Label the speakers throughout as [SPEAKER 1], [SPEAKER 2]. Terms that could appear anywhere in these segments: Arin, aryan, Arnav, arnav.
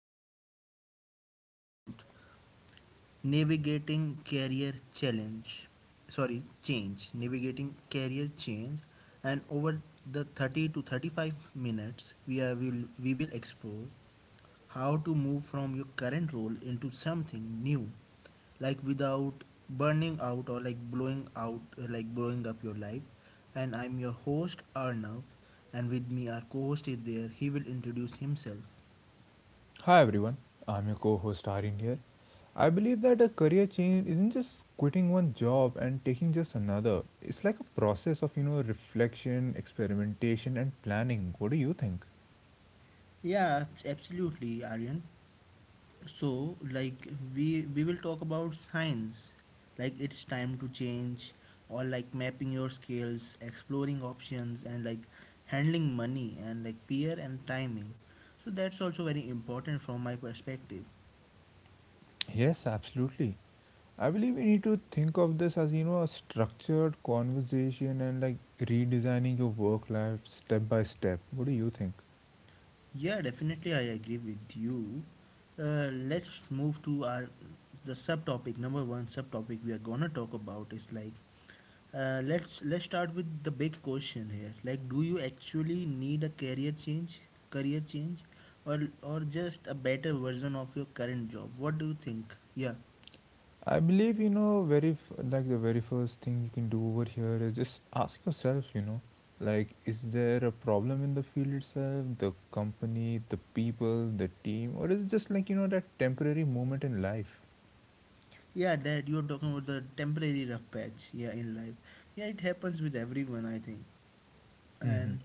[SPEAKER 1] today's we are going to talk about navigating career challenge. Sorry, change, navigating career change and over the 30 to 35 minutes we will explore how to move from your current role into something new like without burning out or like blowing out like blowing up your life. And I'm your host Arnav, and with me our co-host is there, he will introduce himself.
[SPEAKER 2] Hi everyone, I'm your co host Arin here. I believe that a career change isn't just quitting one job and taking just another. It's like a process of, you know, reflection, experimentation, and planning. What do you think?
[SPEAKER 1] Yeah, absolutely, Aryan. So like we will talk about signs like it's time to change, or like mapping your skills, exploring options, and like handling money and like fear and timing. So that's also very important from my perspective.
[SPEAKER 2] Yes, absolutely. I believe we need to think of this as, you know, a structured conversation and like redesigning your work life step by step. What do you think?
[SPEAKER 1] Yeah, definitely, I agree with you. Let's move to our the subtopic number one. Subtopic we are gonna talk about is like let's start with the big question here. Like, do you actually need a career change, career change, or just a better version of your current job? What do you think? Yeah,
[SPEAKER 2] I believe you know like the very first thing you can do over here is just ask yourself, you know, like is there a problem in the field itself, the company, the people, the team, or is it just like you know that temporary moment in life?
[SPEAKER 1] yeah, that you're talking about the temporary rough patch. Yeah, in life, yeah, it happens with everyone, I think,
[SPEAKER 2] Hmm.
[SPEAKER 1] and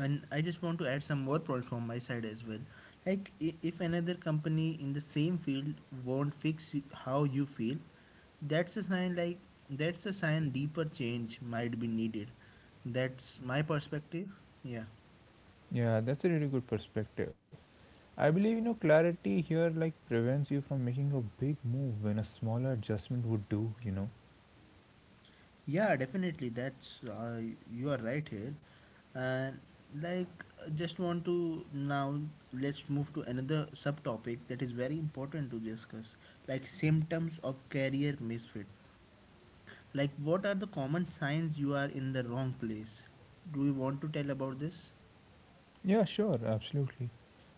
[SPEAKER 1] I just want to add some more points from my side as well. Like if another company in the same field won't fix how you feel, that's a sign, like that's a sign deeper change might be needed. That's my perspective, yeah.
[SPEAKER 2] Yeah, that's a really good perspective. I believe you know clarity here like prevents you from making a big move when a smaller adjustment would do, you know.
[SPEAKER 1] Yeah, definitely, that's you are right here. And like just want to now let's move to another subtopic that is very important to discuss, like symptoms of career misfit. Like, what are the common signs you are in the wrong place? Do you want to tell about this?
[SPEAKER 2] Yeah, sure, absolutely.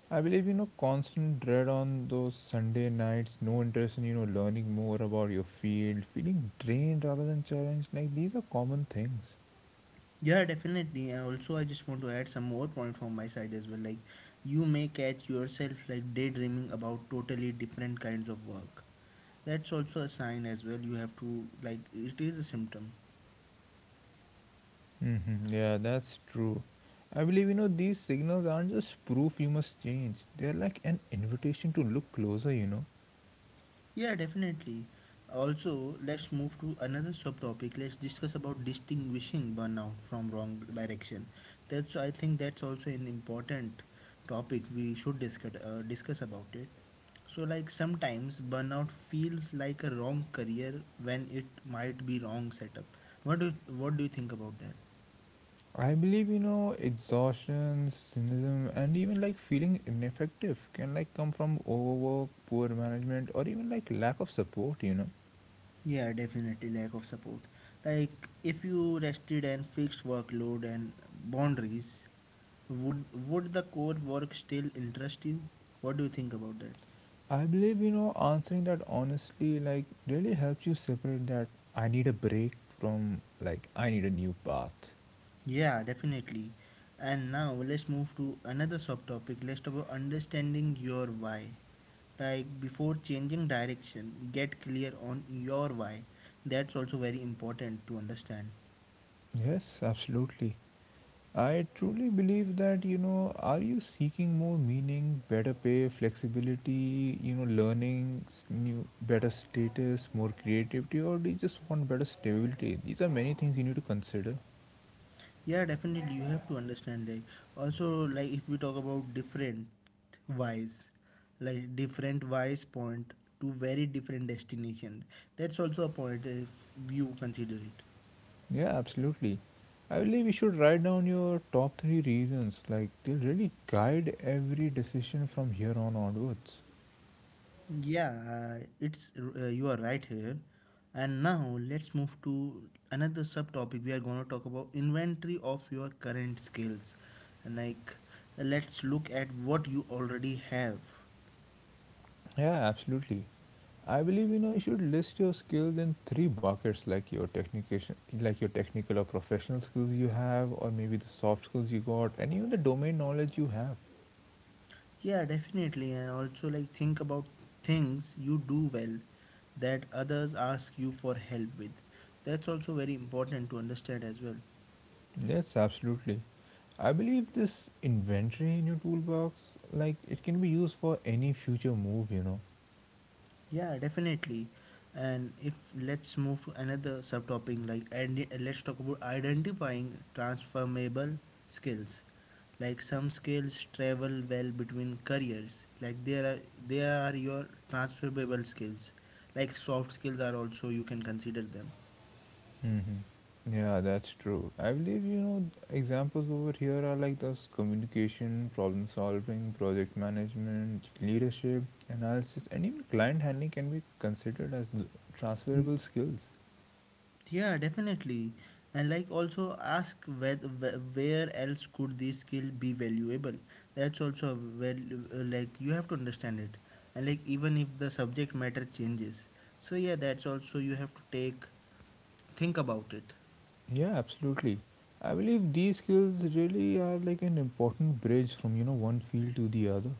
[SPEAKER 2] I believe you know constant dread on those Sunday nights, no interest in you know learning more about your field, feeling drained rather than challenged. Like these are common things.
[SPEAKER 1] Yeah, definitely. And also, I just want to add some more point from my side as well. Like, you may catch yourself like daydreaming about totally different kinds of work. That's also a sign as well. You have to like it is a symptom.
[SPEAKER 2] Hmm. Yeah, that's true. I believe you know these signals aren't just proof you must change. They're like an invitation to look closer. You know.
[SPEAKER 1] Yeah, definitely. Also, let's move to another subtopic. Let's discuss about distinguishing burnout from wrong direction. That's I think that's also an important topic we should discuss discuss about it. So like sometimes burnout feels like a wrong career when it might be wrong setup. What do you think about that?
[SPEAKER 2] I believe you know exhaustion, cynicism, and even like feeling ineffective can like come from overwork, poor management, or even like lack of support. You know.
[SPEAKER 1] Yeah, definitely lack of support. Like if you rested and fixed workload and boundaries, would the core work still interest you? What do you think about that?
[SPEAKER 2] I believe, you know, answering that honestly, like, really helps you separate that I need a break from, like, I need a new path.
[SPEAKER 1] Yeah, definitely. And now let's move to another subtopic. Let's talk about understanding your why. Like before changing direction, get clear on your why. That's also very important to understand.
[SPEAKER 2] Yes, absolutely. I truly believe that, you know, are you seeking more meaning, better pay, flexibility, you know, learning, new, better status, more creativity, or do you just want better stability? These are many things you need to consider.
[SPEAKER 1] Yeah, definitely. You have to understand. Like, also, like if we talk about different wise, like different wise point to very different destinations, that's also a point if you consider it.
[SPEAKER 2] Yeah, absolutely. I believe you should write down your top three reasons. Like, they'll really guide every decision from here on onwards.
[SPEAKER 1] Yeah, it's you are right here. And now let's move to another subtopic. We are going to talk about inventory of your current skills. And like, let's look at what you already have.
[SPEAKER 2] Yeah, absolutely. I believe you know you should list your skills in three buckets, like your technical, or professional skills you have, or maybe the soft skills you got, and even the domain knowledge you have.
[SPEAKER 1] Yeah, definitely. And also, like, think about things you do well that others ask you for help with. That's also very important to understand as well.
[SPEAKER 2] Yes, absolutely. I believe this inventory in your toolbox, like it can be used for any future move, you know.
[SPEAKER 1] Yeah, definitely. And if let's move to another subtopic, like, and let's talk about identifying transformable skills. Like some skills travel well between careers. Like there are they are your transferable skills. Like soft skills are also you can consider them.
[SPEAKER 2] Hmm. Yeah, that's true. I believe, you know, examples over here are like those communication, problem solving, project management, leadership, analysis, and even client handling can be considered as transferable skills.
[SPEAKER 1] Yeah, definitely. And like also ask where else could this skill be valuable? That's also a like you have to understand it. And like even if the subject matter changes. So yeah, that's also you have to take think about it.
[SPEAKER 2] Yeah, absolutely. I believe these skills really are like an important bridge from, you know, one field to the other.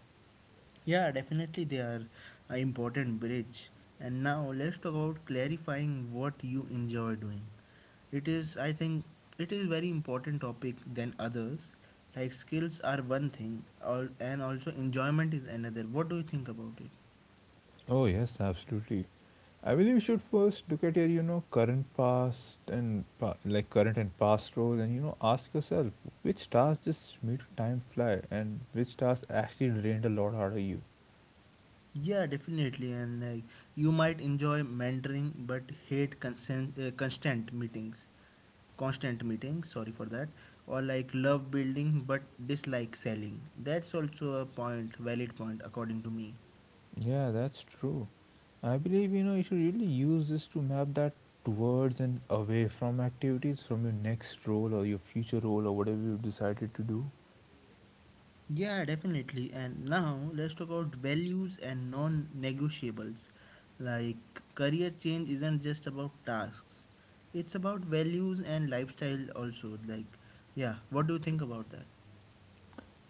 [SPEAKER 1] Yeah, definitely they are an important bridge. And now let's talk about clarifying what you enjoy doing. It is, I think, it is very important topic than others. Like skills are one thing, and also enjoyment is another. What do you think about it?
[SPEAKER 2] Oh, yes, absolutely. I believe you should first look at your, you know, current past and like current and past roles and, you know, ask yourself which tasks just made time fly and which tasks actually drained a lot out of you.
[SPEAKER 1] Yeah, definitely. And like you might enjoy mentoring but hate constant meetings. Constant meetings sorry for that, or like love building but dislike selling. That's also a point, valid point according to me.
[SPEAKER 2] Yeah, that's true. I believe, you know, you should really use this to map that towards and away from activities from your next role or your future role or whatever you've decided to do.
[SPEAKER 1] Yeah, definitely. And now let's talk about values and non-negotiables. Like career change isn't just about tasks, it's about values and lifestyle also. Like, yeah, what do you think about that?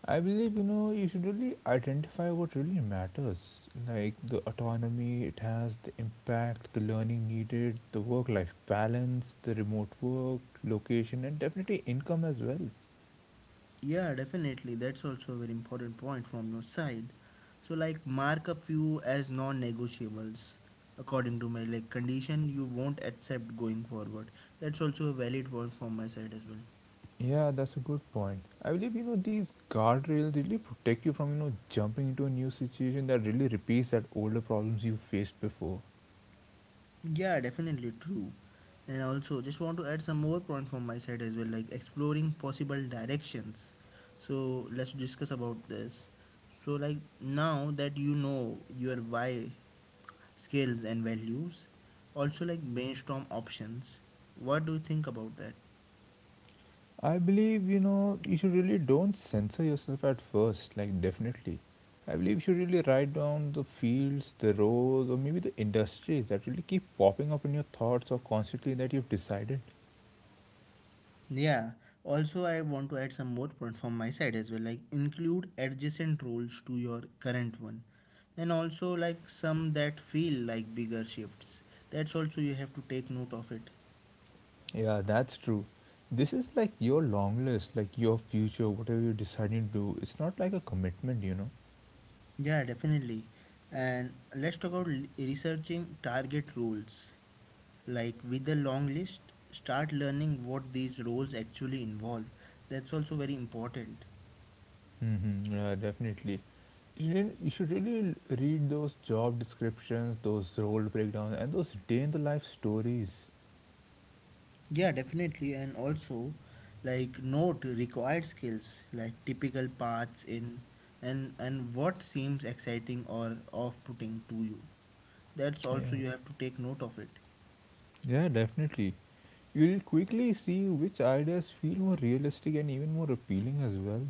[SPEAKER 2] I believe you know you should really identify what really matters, like the autonomy it has, the impact, the learning needed, the work-life balance, the remote work, location, and definitely income as well.
[SPEAKER 1] Yeah, definitely. That's also a very important point from your side. So, like, mark a few as non-negotiables, according to my like condition you won't accept going forward. That's also a valid point from my side as well.
[SPEAKER 2] Yeah, that's a good point. I believe you know these guardrails really protect you from you know jumping into a new situation that really repeats that older problems you faced before.
[SPEAKER 1] Yeah, definitely true. And also, just want to add some more point from my side as well, like exploring possible directions. So let's discuss about this. So like now that you know your why, skills and values, also like brainstorm options. What do you think about that?
[SPEAKER 2] I believe, you know, you should really don't censor yourself at first, like, definitely. I believe you should really write down the fields, the roles, or maybe the industries that really keep popping up in your thoughts or constantly that you've decided.
[SPEAKER 1] Yeah, also I want to add some more point from my side as well. Like include adjacent roles to your current one, and also like some that feel like bigger shifts. That's also you have to take note of it.
[SPEAKER 2] Yeah, that's true. This is like your long list, like your future, whatever you're deciding to do. It's not like a commitment, you know.
[SPEAKER 1] Yeah, definitely. And let's talk about researching target roles. Like with the long list, start learning what these roles actually involve. That's also very important.
[SPEAKER 2] Mm-hmm, yeah, definitely. You, didn't, you should really read those job descriptions, those role breakdowns, and those day in the life stories.
[SPEAKER 1] Yeah, definitely. And also, like note required skills, like typical paths in, and what seems exciting or off-putting to you. That's
[SPEAKER 2] Yeah.
[SPEAKER 1] also you have to take note of it.
[SPEAKER 2] Yeah, definitely. You'll quickly see which ideas feel more realistic and even more appealing as well.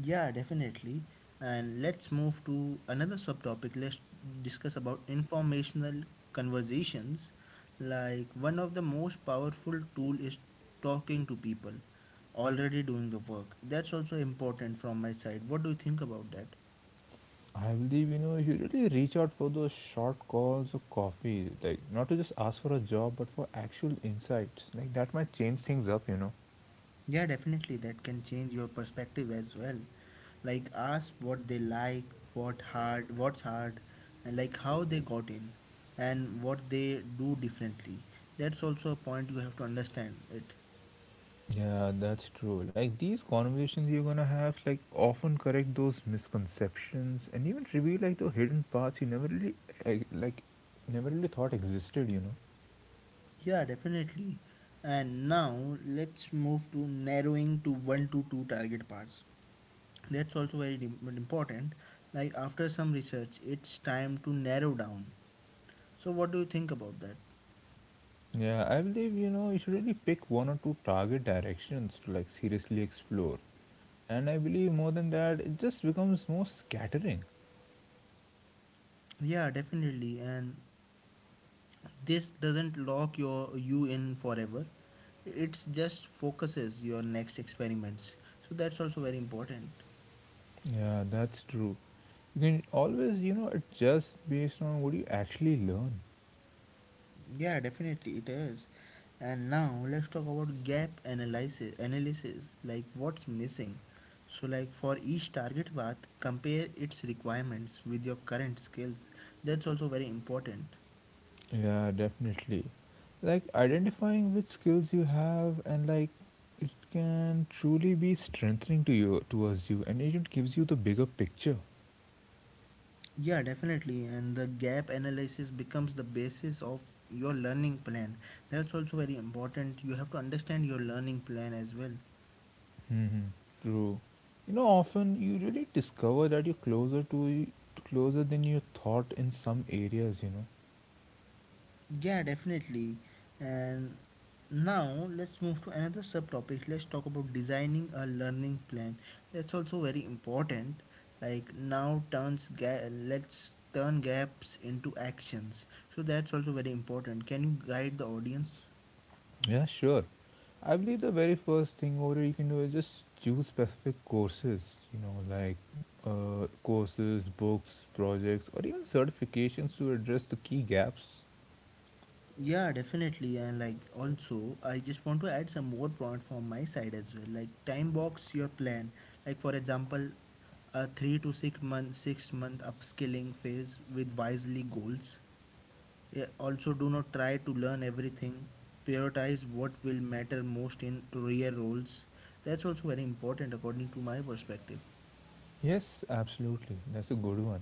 [SPEAKER 1] Yeah, definitely. And let's move to another subtopic. Let's discuss about informational conversations. Like one of the most powerful tool is talking to people already doing the work. That's also important from my side. What do you think about that?
[SPEAKER 2] I believe, you know, you really reach out for those short calls or coffee, like not to just ask for a job, but for actual insights. Like that might change things up, you know.
[SPEAKER 1] Yeah, definitely. That can change your perspective as well. Like, ask what they like, what's hard, and like how they got in, and what they do differently. That's also a point you have to understand it.
[SPEAKER 2] Yeah, that's true. Like these conversations you're gonna have, like often correct those misconceptions and even reveal like the hidden parts you never really, eh, like, never really thought existed, you know.
[SPEAKER 1] Yeah, definitely. And now let's move to narrowing to one to two target paths. That's also very important. Like after some research, it's time to narrow down. So what do you think about that?
[SPEAKER 2] Yeah, I believe you know you should really pick one or two target directions to like seriously explore. And I believe more than that, it just becomes more scattering.
[SPEAKER 1] Yeah, definitely. And this doesn't lock you in forever, it's just focuses your next experiments. So that's also very important.
[SPEAKER 2] Yeah, that's true. You can always, you know, adjust based on what you actually learn.
[SPEAKER 1] Yeah, definitely it is. And now let's talk about gap analysis, like what's missing. So like for each target path compare its requirements with your current skills. That's also very important.
[SPEAKER 2] Yeah, definitely. Like identifying which skills you have and like it can truly be strengthening to you towards you and it gives you the bigger picture.
[SPEAKER 1] Yeah, definitely. And the gap analysis becomes the basis of your learning plan. That's also very important. You have to understand your learning plan as well.
[SPEAKER 2] Hmm. True. You know, often you really discover that you're closer than you thought in some areas. You know.
[SPEAKER 1] Yeah, definitely. And now let's move to another subtopic. Let's talk about designing a learning plan. That's also very important. Like now let's turn gaps into actions. So that's also very important. Can you guide the audience?
[SPEAKER 2] Yeah, sure. I believe the very first thing over you can do is just choose specific courses. You know, like courses, books, projects, or even certifications to address the key gaps.
[SPEAKER 1] Yeah, definitely. And like also, I just want to add some more point from my side as well. Like time box your plan. Like for example, a 3 to 6 month upskilling phase with wisely goals. Yeah, also, do not try to learn everything. Prioritize what will matter most in career roles. That's also very important according to my perspective.
[SPEAKER 2] Yes, absolutely. That's a good one.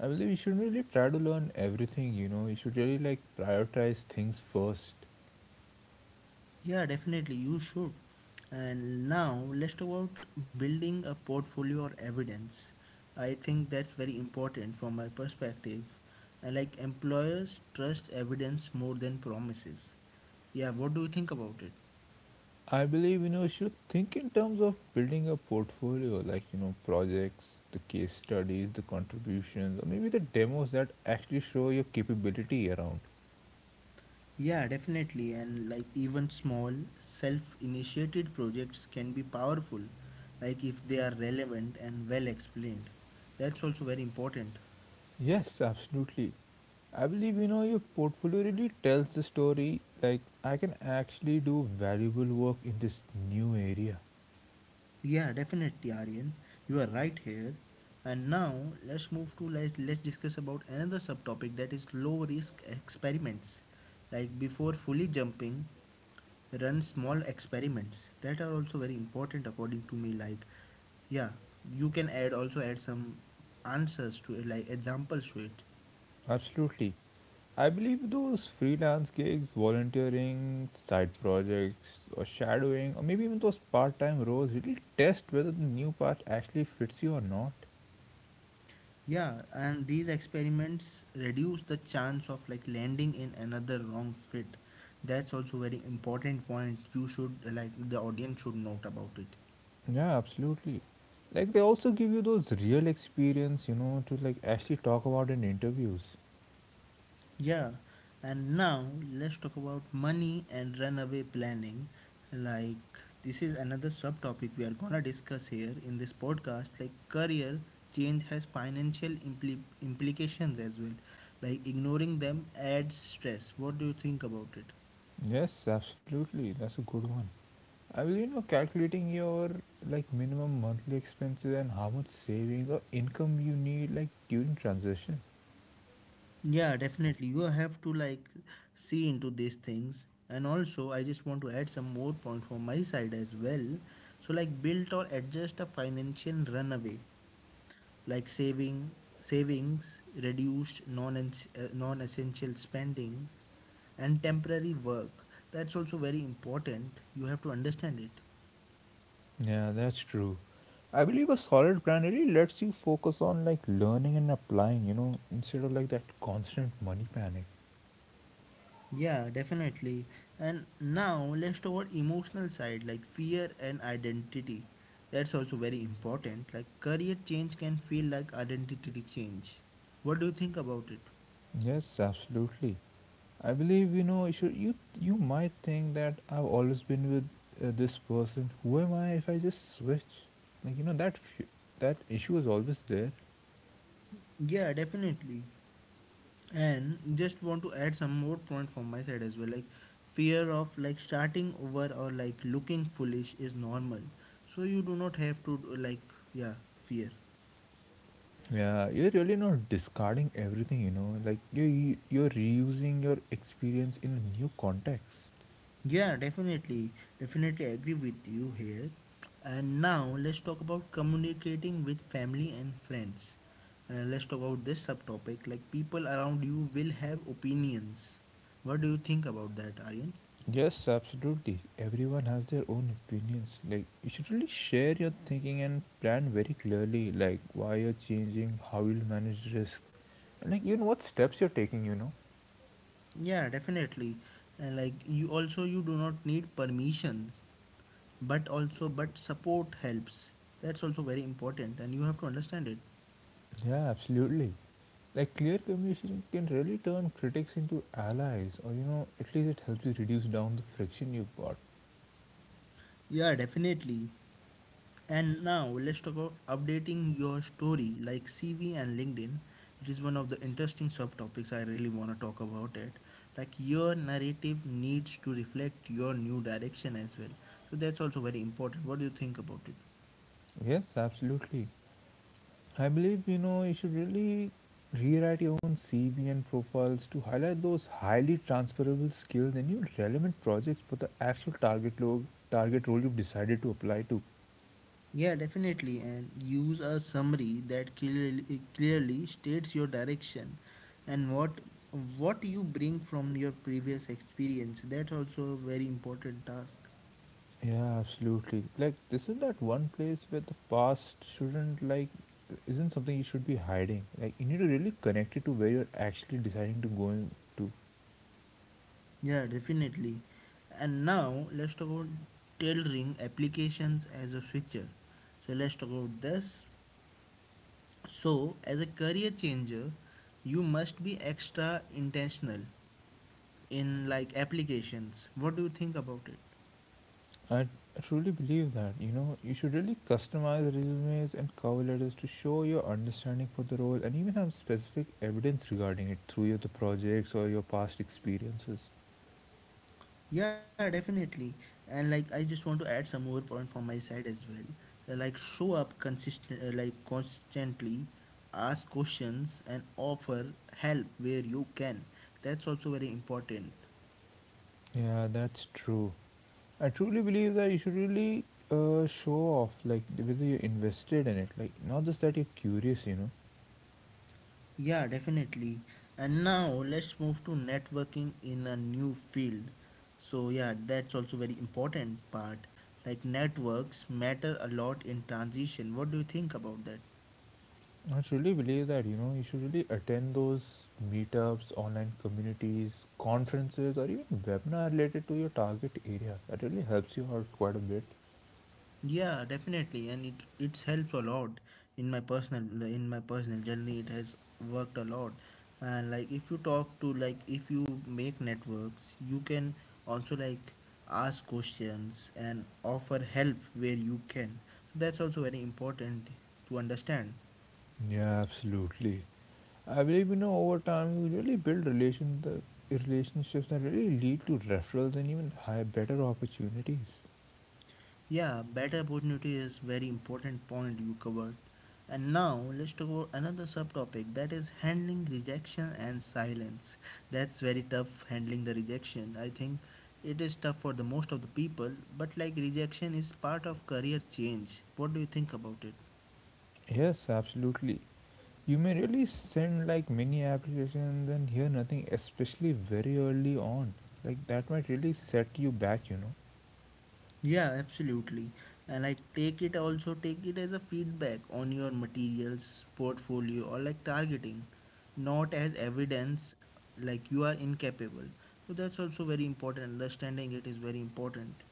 [SPEAKER 2] I believe you shouldn't really try to learn everything. You know, you should really like prioritize things first.
[SPEAKER 1] Yeah, definitely, you should. And now let's talk about building a portfolio or evidence. I think that's very important from my perspective. And like employers trust evidence more than promises. Yeah, what do you think about it?
[SPEAKER 2] I believe you know you should think in terms of building a portfolio, like you know projects, the case studies, the contributions, or maybe the demos that actually show your capability around.
[SPEAKER 1] Yeah, definitely. And like even small self initiated projects can be powerful, like if they are relevant and well explained. That's also very important.
[SPEAKER 2] Yes, absolutely. I believe you know your portfolio really tells the story. Like I can actually do valuable work in this new area.
[SPEAKER 1] Yeah, definitely, Aryan. You are right here. And now let's move to like let's discuss about another subtopic that is low risk experiments. Like before fully jumping, run small experiments that are also very important according to me. Like, yeah, you can add also add some answers to it, like examples to it.
[SPEAKER 2] Absolutely. I believe those freelance gigs, volunteering, side projects, or shadowing, or maybe even those part time roles really test whether the new path actually fits you or not.
[SPEAKER 1] Yeah, and these experiments reduce the chance of like landing in another wrong fit. That's also very important point you should like the audience should note about it.
[SPEAKER 2] Yeah, absolutely. Like, they also give you those real experience, you know, to like actually talk about in interviews.
[SPEAKER 1] Yeah. And now let's talk about money and runaway planning. Like this is another subtopic we are gonna discuss here in this podcast. Like career change has financial implications as well. Like ignoring them adds stress. What do you think about it?
[SPEAKER 2] Yes, absolutely. That's a good one. I will, you know, calculating your like minimum monthly expenses and how much savings or income you need like during transition.
[SPEAKER 1] Yeah, definitely. You have to like see into these things. And also, I just want to add some more points from my side as well. So, like build or adjust a financial runaway, like savings, reduced non essential spending, and temporary work. That's also very important. You have to understand it.
[SPEAKER 2] Yeah, that's true. I believe a solid brand really lets you focus on like learning and applying, you know, instead of like that constant money panic.
[SPEAKER 1] Yeah, definitely. And now let's talk about emotional side like fear and identity. That's also very important. Like career change can feel like identity change. What do you think about it?
[SPEAKER 2] Yes, absolutely. I believe you know you should, you might think that I've always been with this person. Who am I if I just switch? Like you know that that issue is always there.
[SPEAKER 1] Yeah, definitely. And just want to add some more point from my side as well. Like fear of starting over or like looking foolish is normal. So you do not have to do, like yeah, fear.
[SPEAKER 2] Yeah, you're really not discarding everything, you know. Like you're reusing your experience in a new context.
[SPEAKER 1] Yeah, definitely. Definitely agree with you here. And now let's talk about communicating with family and friends. Let's talk about this subtopic like people around you will have opinions. What do you think about that, Aryan?
[SPEAKER 2] Yes, absolutely. Everyone has their own opinions. Like, you should really share your thinking and plan very clearly, like, why you're changing, how you'll manage risk, and, like, even what steps you're taking, you know?
[SPEAKER 1] Yeah, definitely. And like you also you do not need permissions, but also but support helps. That's also very important and you have to understand it.
[SPEAKER 2] Yeah, absolutely. Like, clear communication can really turn critics into allies, or, you know, at least it helps you reduce down the friction you've got.
[SPEAKER 1] Yeah, definitely. And now let's talk about updating your story like CV and LinkedIn. It is one of the interesting subtopics I really want to talk about it. Like your narrative needs to reflect your new direction as well. So that's also very important. What do you think about it?
[SPEAKER 2] Yes, absolutely. I believe you know you should really rewrite your own CV and profiles to highlight those highly transferable skills and your relevant projects for the actual target role you've decided to apply to.
[SPEAKER 1] Yeah, definitely. And use a summary that clearly states your direction and what you bring from your previous experience. That's also a very important task.
[SPEAKER 2] Yeah, absolutely. Like this is that one place where the past shouldn't like isn't something you should be hiding. Like you need to really connect it to where you're actually deciding to go to.
[SPEAKER 1] Yeah, definitely. And now let's talk about tailoring applications as a switcher. So let's talk about this. So as a career changer, you must be extra intentional in like applications. What do you think about it?
[SPEAKER 2] I I truly believe that you know you should really customize resumes and cover letters to show your understanding for the role and even have specific evidence regarding it through your the projects or your past experiences.
[SPEAKER 1] Yeah, definitely. And like I just want to add some more point from my side as well. Like show up consistent like constantly, ask questions and offer help where you can. That's also very important.
[SPEAKER 2] Yeah, that's true. I truly believe that you should really show off like whether you're invested in it, like not just that you're curious, you know.
[SPEAKER 1] Yeah, definitely. And now let's move to networking in a new field. So, yeah, that's also very important part. Like networks matter a lot in transition. What do you think about that?
[SPEAKER 2] I truly believe that you know you should really attend those meetups, online communities, conferences, or even webinar related to your target area. That really helps you out quite a bit.
[SPEAKER 1] Yeah, definitely, and it's helps a lot in my personal journey. It has worked a lot, and like if you make networks, you can also like ask questions and offer help where you can. So that's also very important to understand.
[SPEAKER 2] Yeah, absolutely. I believe you know over time you really build relations, the relationships that really lead to referrals and even higher better opportunities.
[SPEAKER 1] Yeah, better opportunity is very important point you covered. And now let's talk about another subtopic that is handling rejection and silence. That's very tough handling the rejection. I think it is tough for the most of the people, but like rejection is part of career change. What do you think about it?
[SPEAKER 2] Yes, absolutely. You may really send like many applications and hear nothing, especially very early on. Like that might really set you back, you know.
[SPEAKER 1] Yeah, absolutely. And take it as a feedback on your materials, portfolio or like targeting, not as evidence like you are incapable. So that's also very important. Understanding it is very important.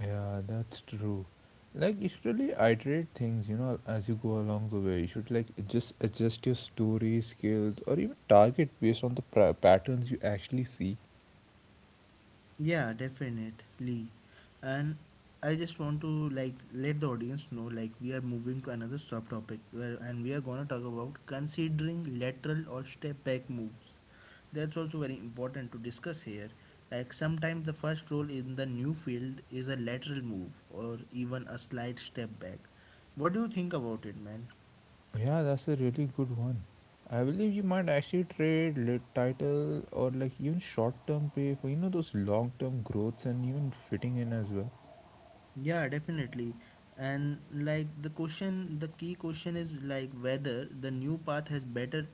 [SPEAKER 2] Yeah, that's true. Like you should really iterate things, you know, as you go along the way. You should like just adjust your story skills or even target based on the patterns you actually see.
[SPEAKER 1] Yeah, definitely. And I just want to like let the audience know like we are moving to another subtopic where and we are gonna talk about considering lateral or step back moves. That's also very important to discuss here. Like sometimes the first role in the new field is a lateral move or even a slight step back. What do you think about it, man?
[SPEAKER 2] Yeah, that's a really good one. I believe you might actually trade lit title or like even short term pay for you know those long term growths and even fitting in as well.
[SPEAKER 1] Yeah, definitely. And like the key question is like whether the new path has better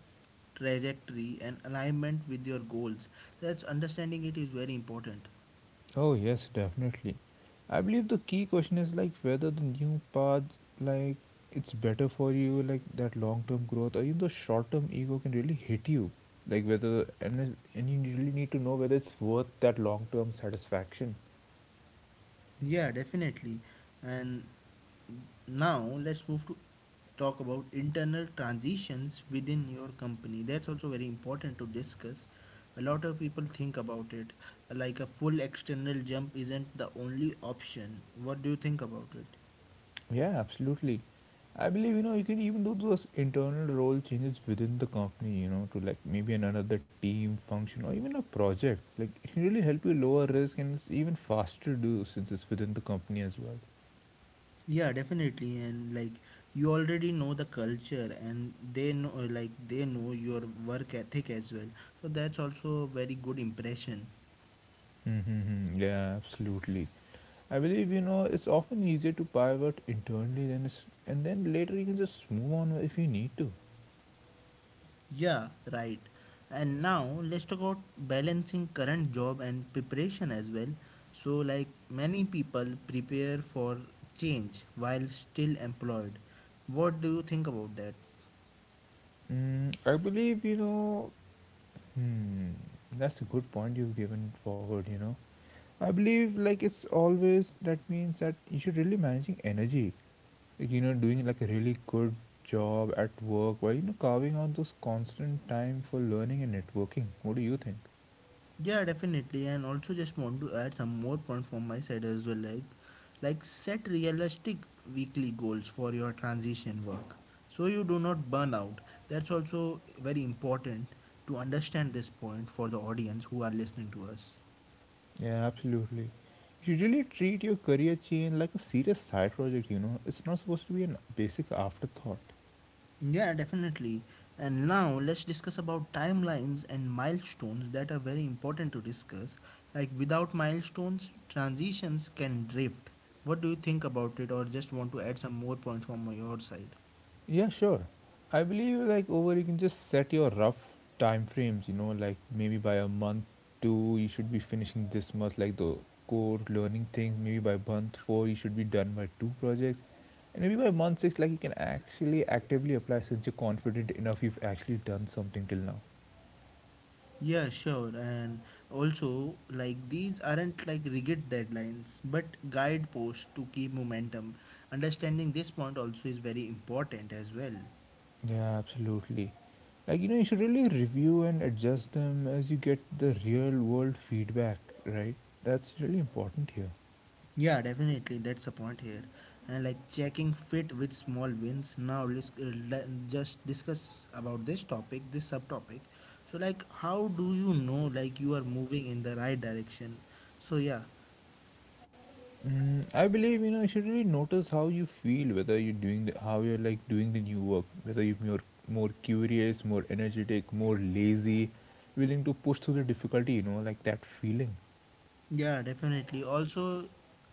[SPEAKER 1] trajectory and alignment with your goals. That's understanding it is very important.
[SPEAKER 2] Oh yes, definitely. I believe the key question is like whether the new path like it's better for you like that long term growth or even the short term ego can really hit you like whether and you really need to know whether it's worth that long term satisfaction.
[SPEAKER 1] Yeah, definitely. And now let's move to talk about internal transitions within your company. That's also very important to discuss. A lot of people think about it. Like a full external jump isn't the only option. What do you think about it?
[SPEAKER 2] Yeah, absolutely. I believe you can even do those internal role changes within the company to like maybe another team function or even a project, like it can really help you lower risk, and it's even faster to do since it's within the company as well.
[SPEAKER 1] Yeah, definitely. And like you already know the culture and they know your work ethic as well. So that's also a very good impression.
[SPEAKER 2] Mm-hmm. Yeah, absolutely. I believe it's often easier to pivot internally than it's, and then later you can just move on if you need to.
[SPEAKER 1] Yeah, right. And now let's talk about balancing current job and preparation as well. So like many people prepare for change while still employed. What do you think about that?
[SPEAKER 2] I believe you know. Hmm, That's a good point you've given forward. I believe like it's always that means that you should really managing energy. Like, doing like a really good job at work while carving out those constant time for learning and networking. What do you think?
[SPEAKER 1] Yeah, definitely. And also just want to add some more point from my side as well. Like set realistic weekly goals for your transition work. So you do not burn out. That's also very important to understand this point for the audience who are listening to us.
[SPEAKER 2] Yeah, absolutely. Usually treat your career change like a serious side project, It's not supposed to be a basic afterthought.
[SPEAKER 1] Yeah, definitely. And now let's discuss about timelines and milestones that are very important to discuss. Like without milestones, transitions can drift. What do you think about it, or just want to add some more points from your side?
[SPEAKER 2] Yeah, sure. I believe like over you can just set your rough time frames, like maybe by a month two you should be finishing this month, like the core learning things, maybe by month four you should be done by two projects. And maybe by month six, like you can actually actively apply since you're confident enough, you've actually done something till now.
[SPEAKER 1] Yeah, sure. And also, like these aren't like rigid deadlines, but guideposts to keep momentum. Understanding this point also is very important as well.
[SPEAKER 2] Yeah, absolutely. Like, you should really review and adjust them as you get the real world feedback, right? That's really important here.
[SPEAKER 1] Yeah, definitely. That's a point here. And like checking fit with small wins. Now, just discuss about this topic, this subtopic. So, like, how do you know like you are moving in the right direction? So, yeah.
[SPEAKER 2] I believe, you should really notice how you feel, whether you're doing the, how you're like doing the new work, whether you're more curious, more energetic, more lazy, willing to push through the difficulty, like that feeling.
[SPEAKER 1] Yeah, definitely. Also,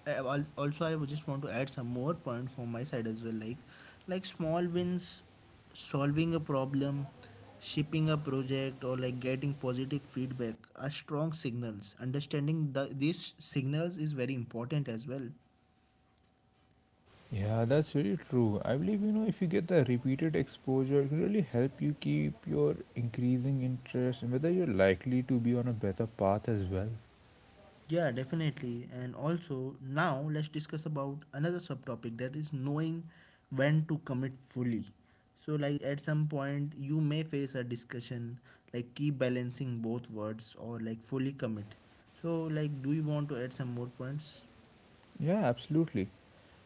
[SPEAKER 1] also I would just want to add some more point from my side as well. Like small wins, solving a problem, shipping a project, or like getting positive feedback are strong signals. Understanding these signals is very important as well.
[SPEAKER 2] Yeah, that's really true. I believe if you get the repeated exposure, it can really help you keep your increasing interest and whether you're likely to be on a better path as well.
[SPEAKER 1] Yeah, definitely. And also, now let's discuss about another subtopic that is knowing when to commit fully. So, like at some point, you may face a discussion like keep balancing both words or like fully commit. So, like, do you want to add some more points?
[SPEAKER 2] Yeah, absolutely.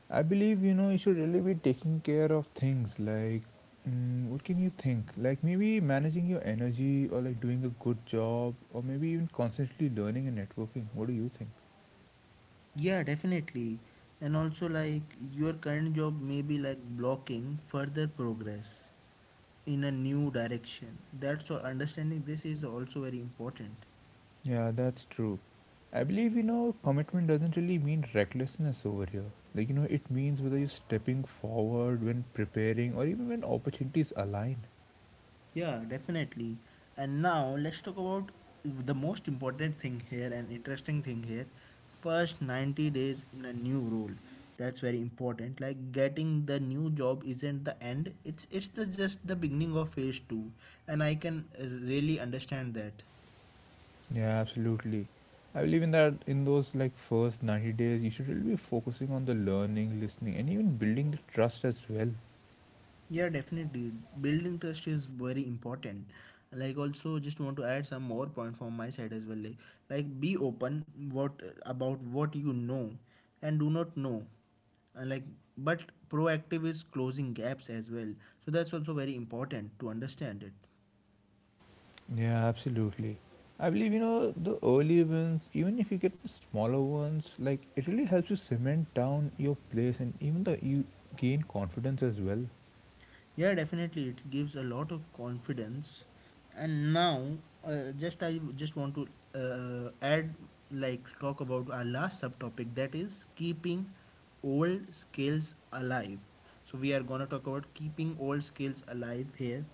[SPEAKER 2] I believe you should really be taking care of things like what can you think? Like maybe managing your energy, or like doing a good job, or maybe even constantly learning and networking. What do you think?
[SPEAKER 1] Yeah, definitely. And also, like, your current job may be like blocking further progress in a new direction. That's why understanding this is also very important.
[SPEAKER 2] Yeah, that's true. I believe, commitment doesn't really mean recklessness over here. Like, it means whether you're stepping forward when preparing or even when opportunities align.
[SPEAKER 1] Yeah, definitely. And now let's talk about the most important thing here and interesting thing here. First 90 days in a new role. That's very important. Like getting the new job isn't the end. It's just the beginning of phase 2 and I can really understand that.
[SPEAKER 2] Yeah, absolutely. I believe in that, in those like first 90 days, you should really be focusing on the learning, listening, and even building the trust as well.
[SPEAKER 1] Yeah, definitely. Building trust is very important. Like also just want to add some more point from my side as well. Like be open what about what you know and do not know. Uh, like but proactive is closing gaps as well. So that's also very important to understand it.
[SPEAKER 2] Yeah, absolutely. I believe, the early wins, even if you get the smaller ones, like it really helps you cement down your place, and even the you gain confidence as well.
[SPEAKER 1] Yeah, definitely, it gives a lot of confidence. And now, just I just want to uh, add, talk about our last subtopic that is keeping old skills alive. So we are gonna talk about keeping old skills alive here.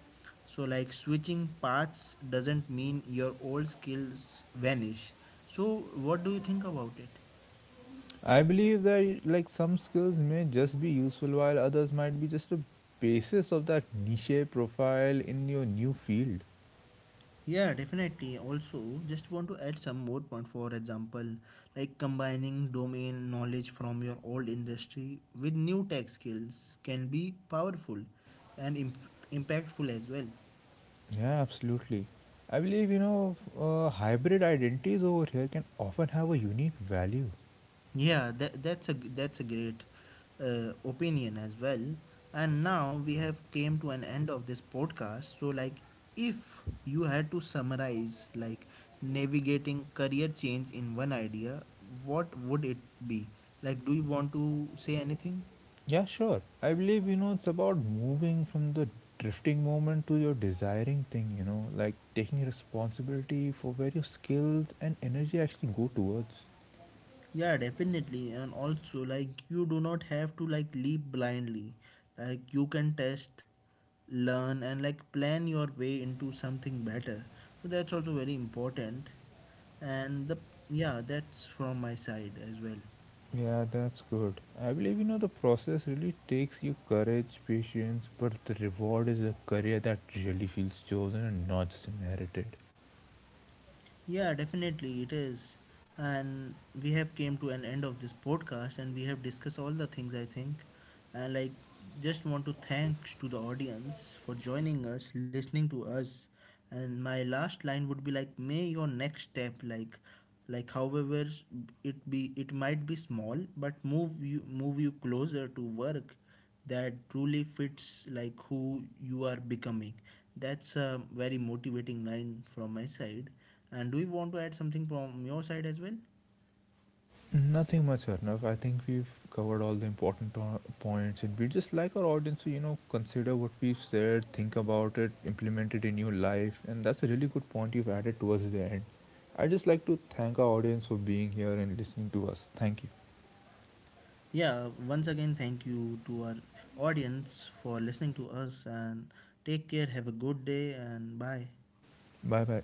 [SPEAKER 1] So like switching paths doesn't mean your old skills vanish. So what do you think about it?
[SPEAKER 2] I believe that like some skills may just be useful, while others might be just a basis of that niche profile in your new field.
[SPEAKER 1] Yeah, definitely. Also, just want to add some more point. For example, like combining domain knowledge from your old industry with new tech skills can be powerful and impactful as well.
[SPEAKER 2] Yeah, absolutely. I believe hybrid identities over here can often have a unique value.
[SPEAKER 1] Yeah, that's a great opinion as well. And now we have came to an end of this podcast. So like if you had to summarize like navigating career change in one idea, what would it be? Like do you want to say anything?
[SPEAKER 2] Yeah, sure. I believe it's about moving from the drifting moment to your desiring thing, like taking responsibility for where your skills and energy actually go towards.
[SPEAKER 1] Yeah, definitely. And also, like, you do not have to like leap blindly. Like, you can test, learn, and like plan your way into something better. So that's also very important. And the yeah, that's from my side as well.
[SPEAKER 2] Yeah, that's good. I believe the process really takes you courage, patience, but the reward is a career that really feels chosen and not just inherited.
[SPEAKER 1] Yeah, definitely it is. And we have came to an end of this podcast and we have discussed all the things I think. And like just want to thanks to the audience for joining us, listening to us. And my last line would be like may your next step like however s- it be it might be small but move you closer to work that truly fits like who you are becoming. That's a very motivating line from my side. And do you want to add something from your side as well?
[SPEAKER 2] Nothing much, Arnav. I think we've covered all the important points, and we'd just like our audience to consider what we've said, think about it, implement it in your life, and that's a really good point you've added towards the end. I'd just like to thank our audience for being here and listening to us. Thank you.
[SPEAKER 1] Yeah, once again, thank you to our audience for listening to us and take care. Have a good day and bye.
[SPEAKER 2] Bye bye.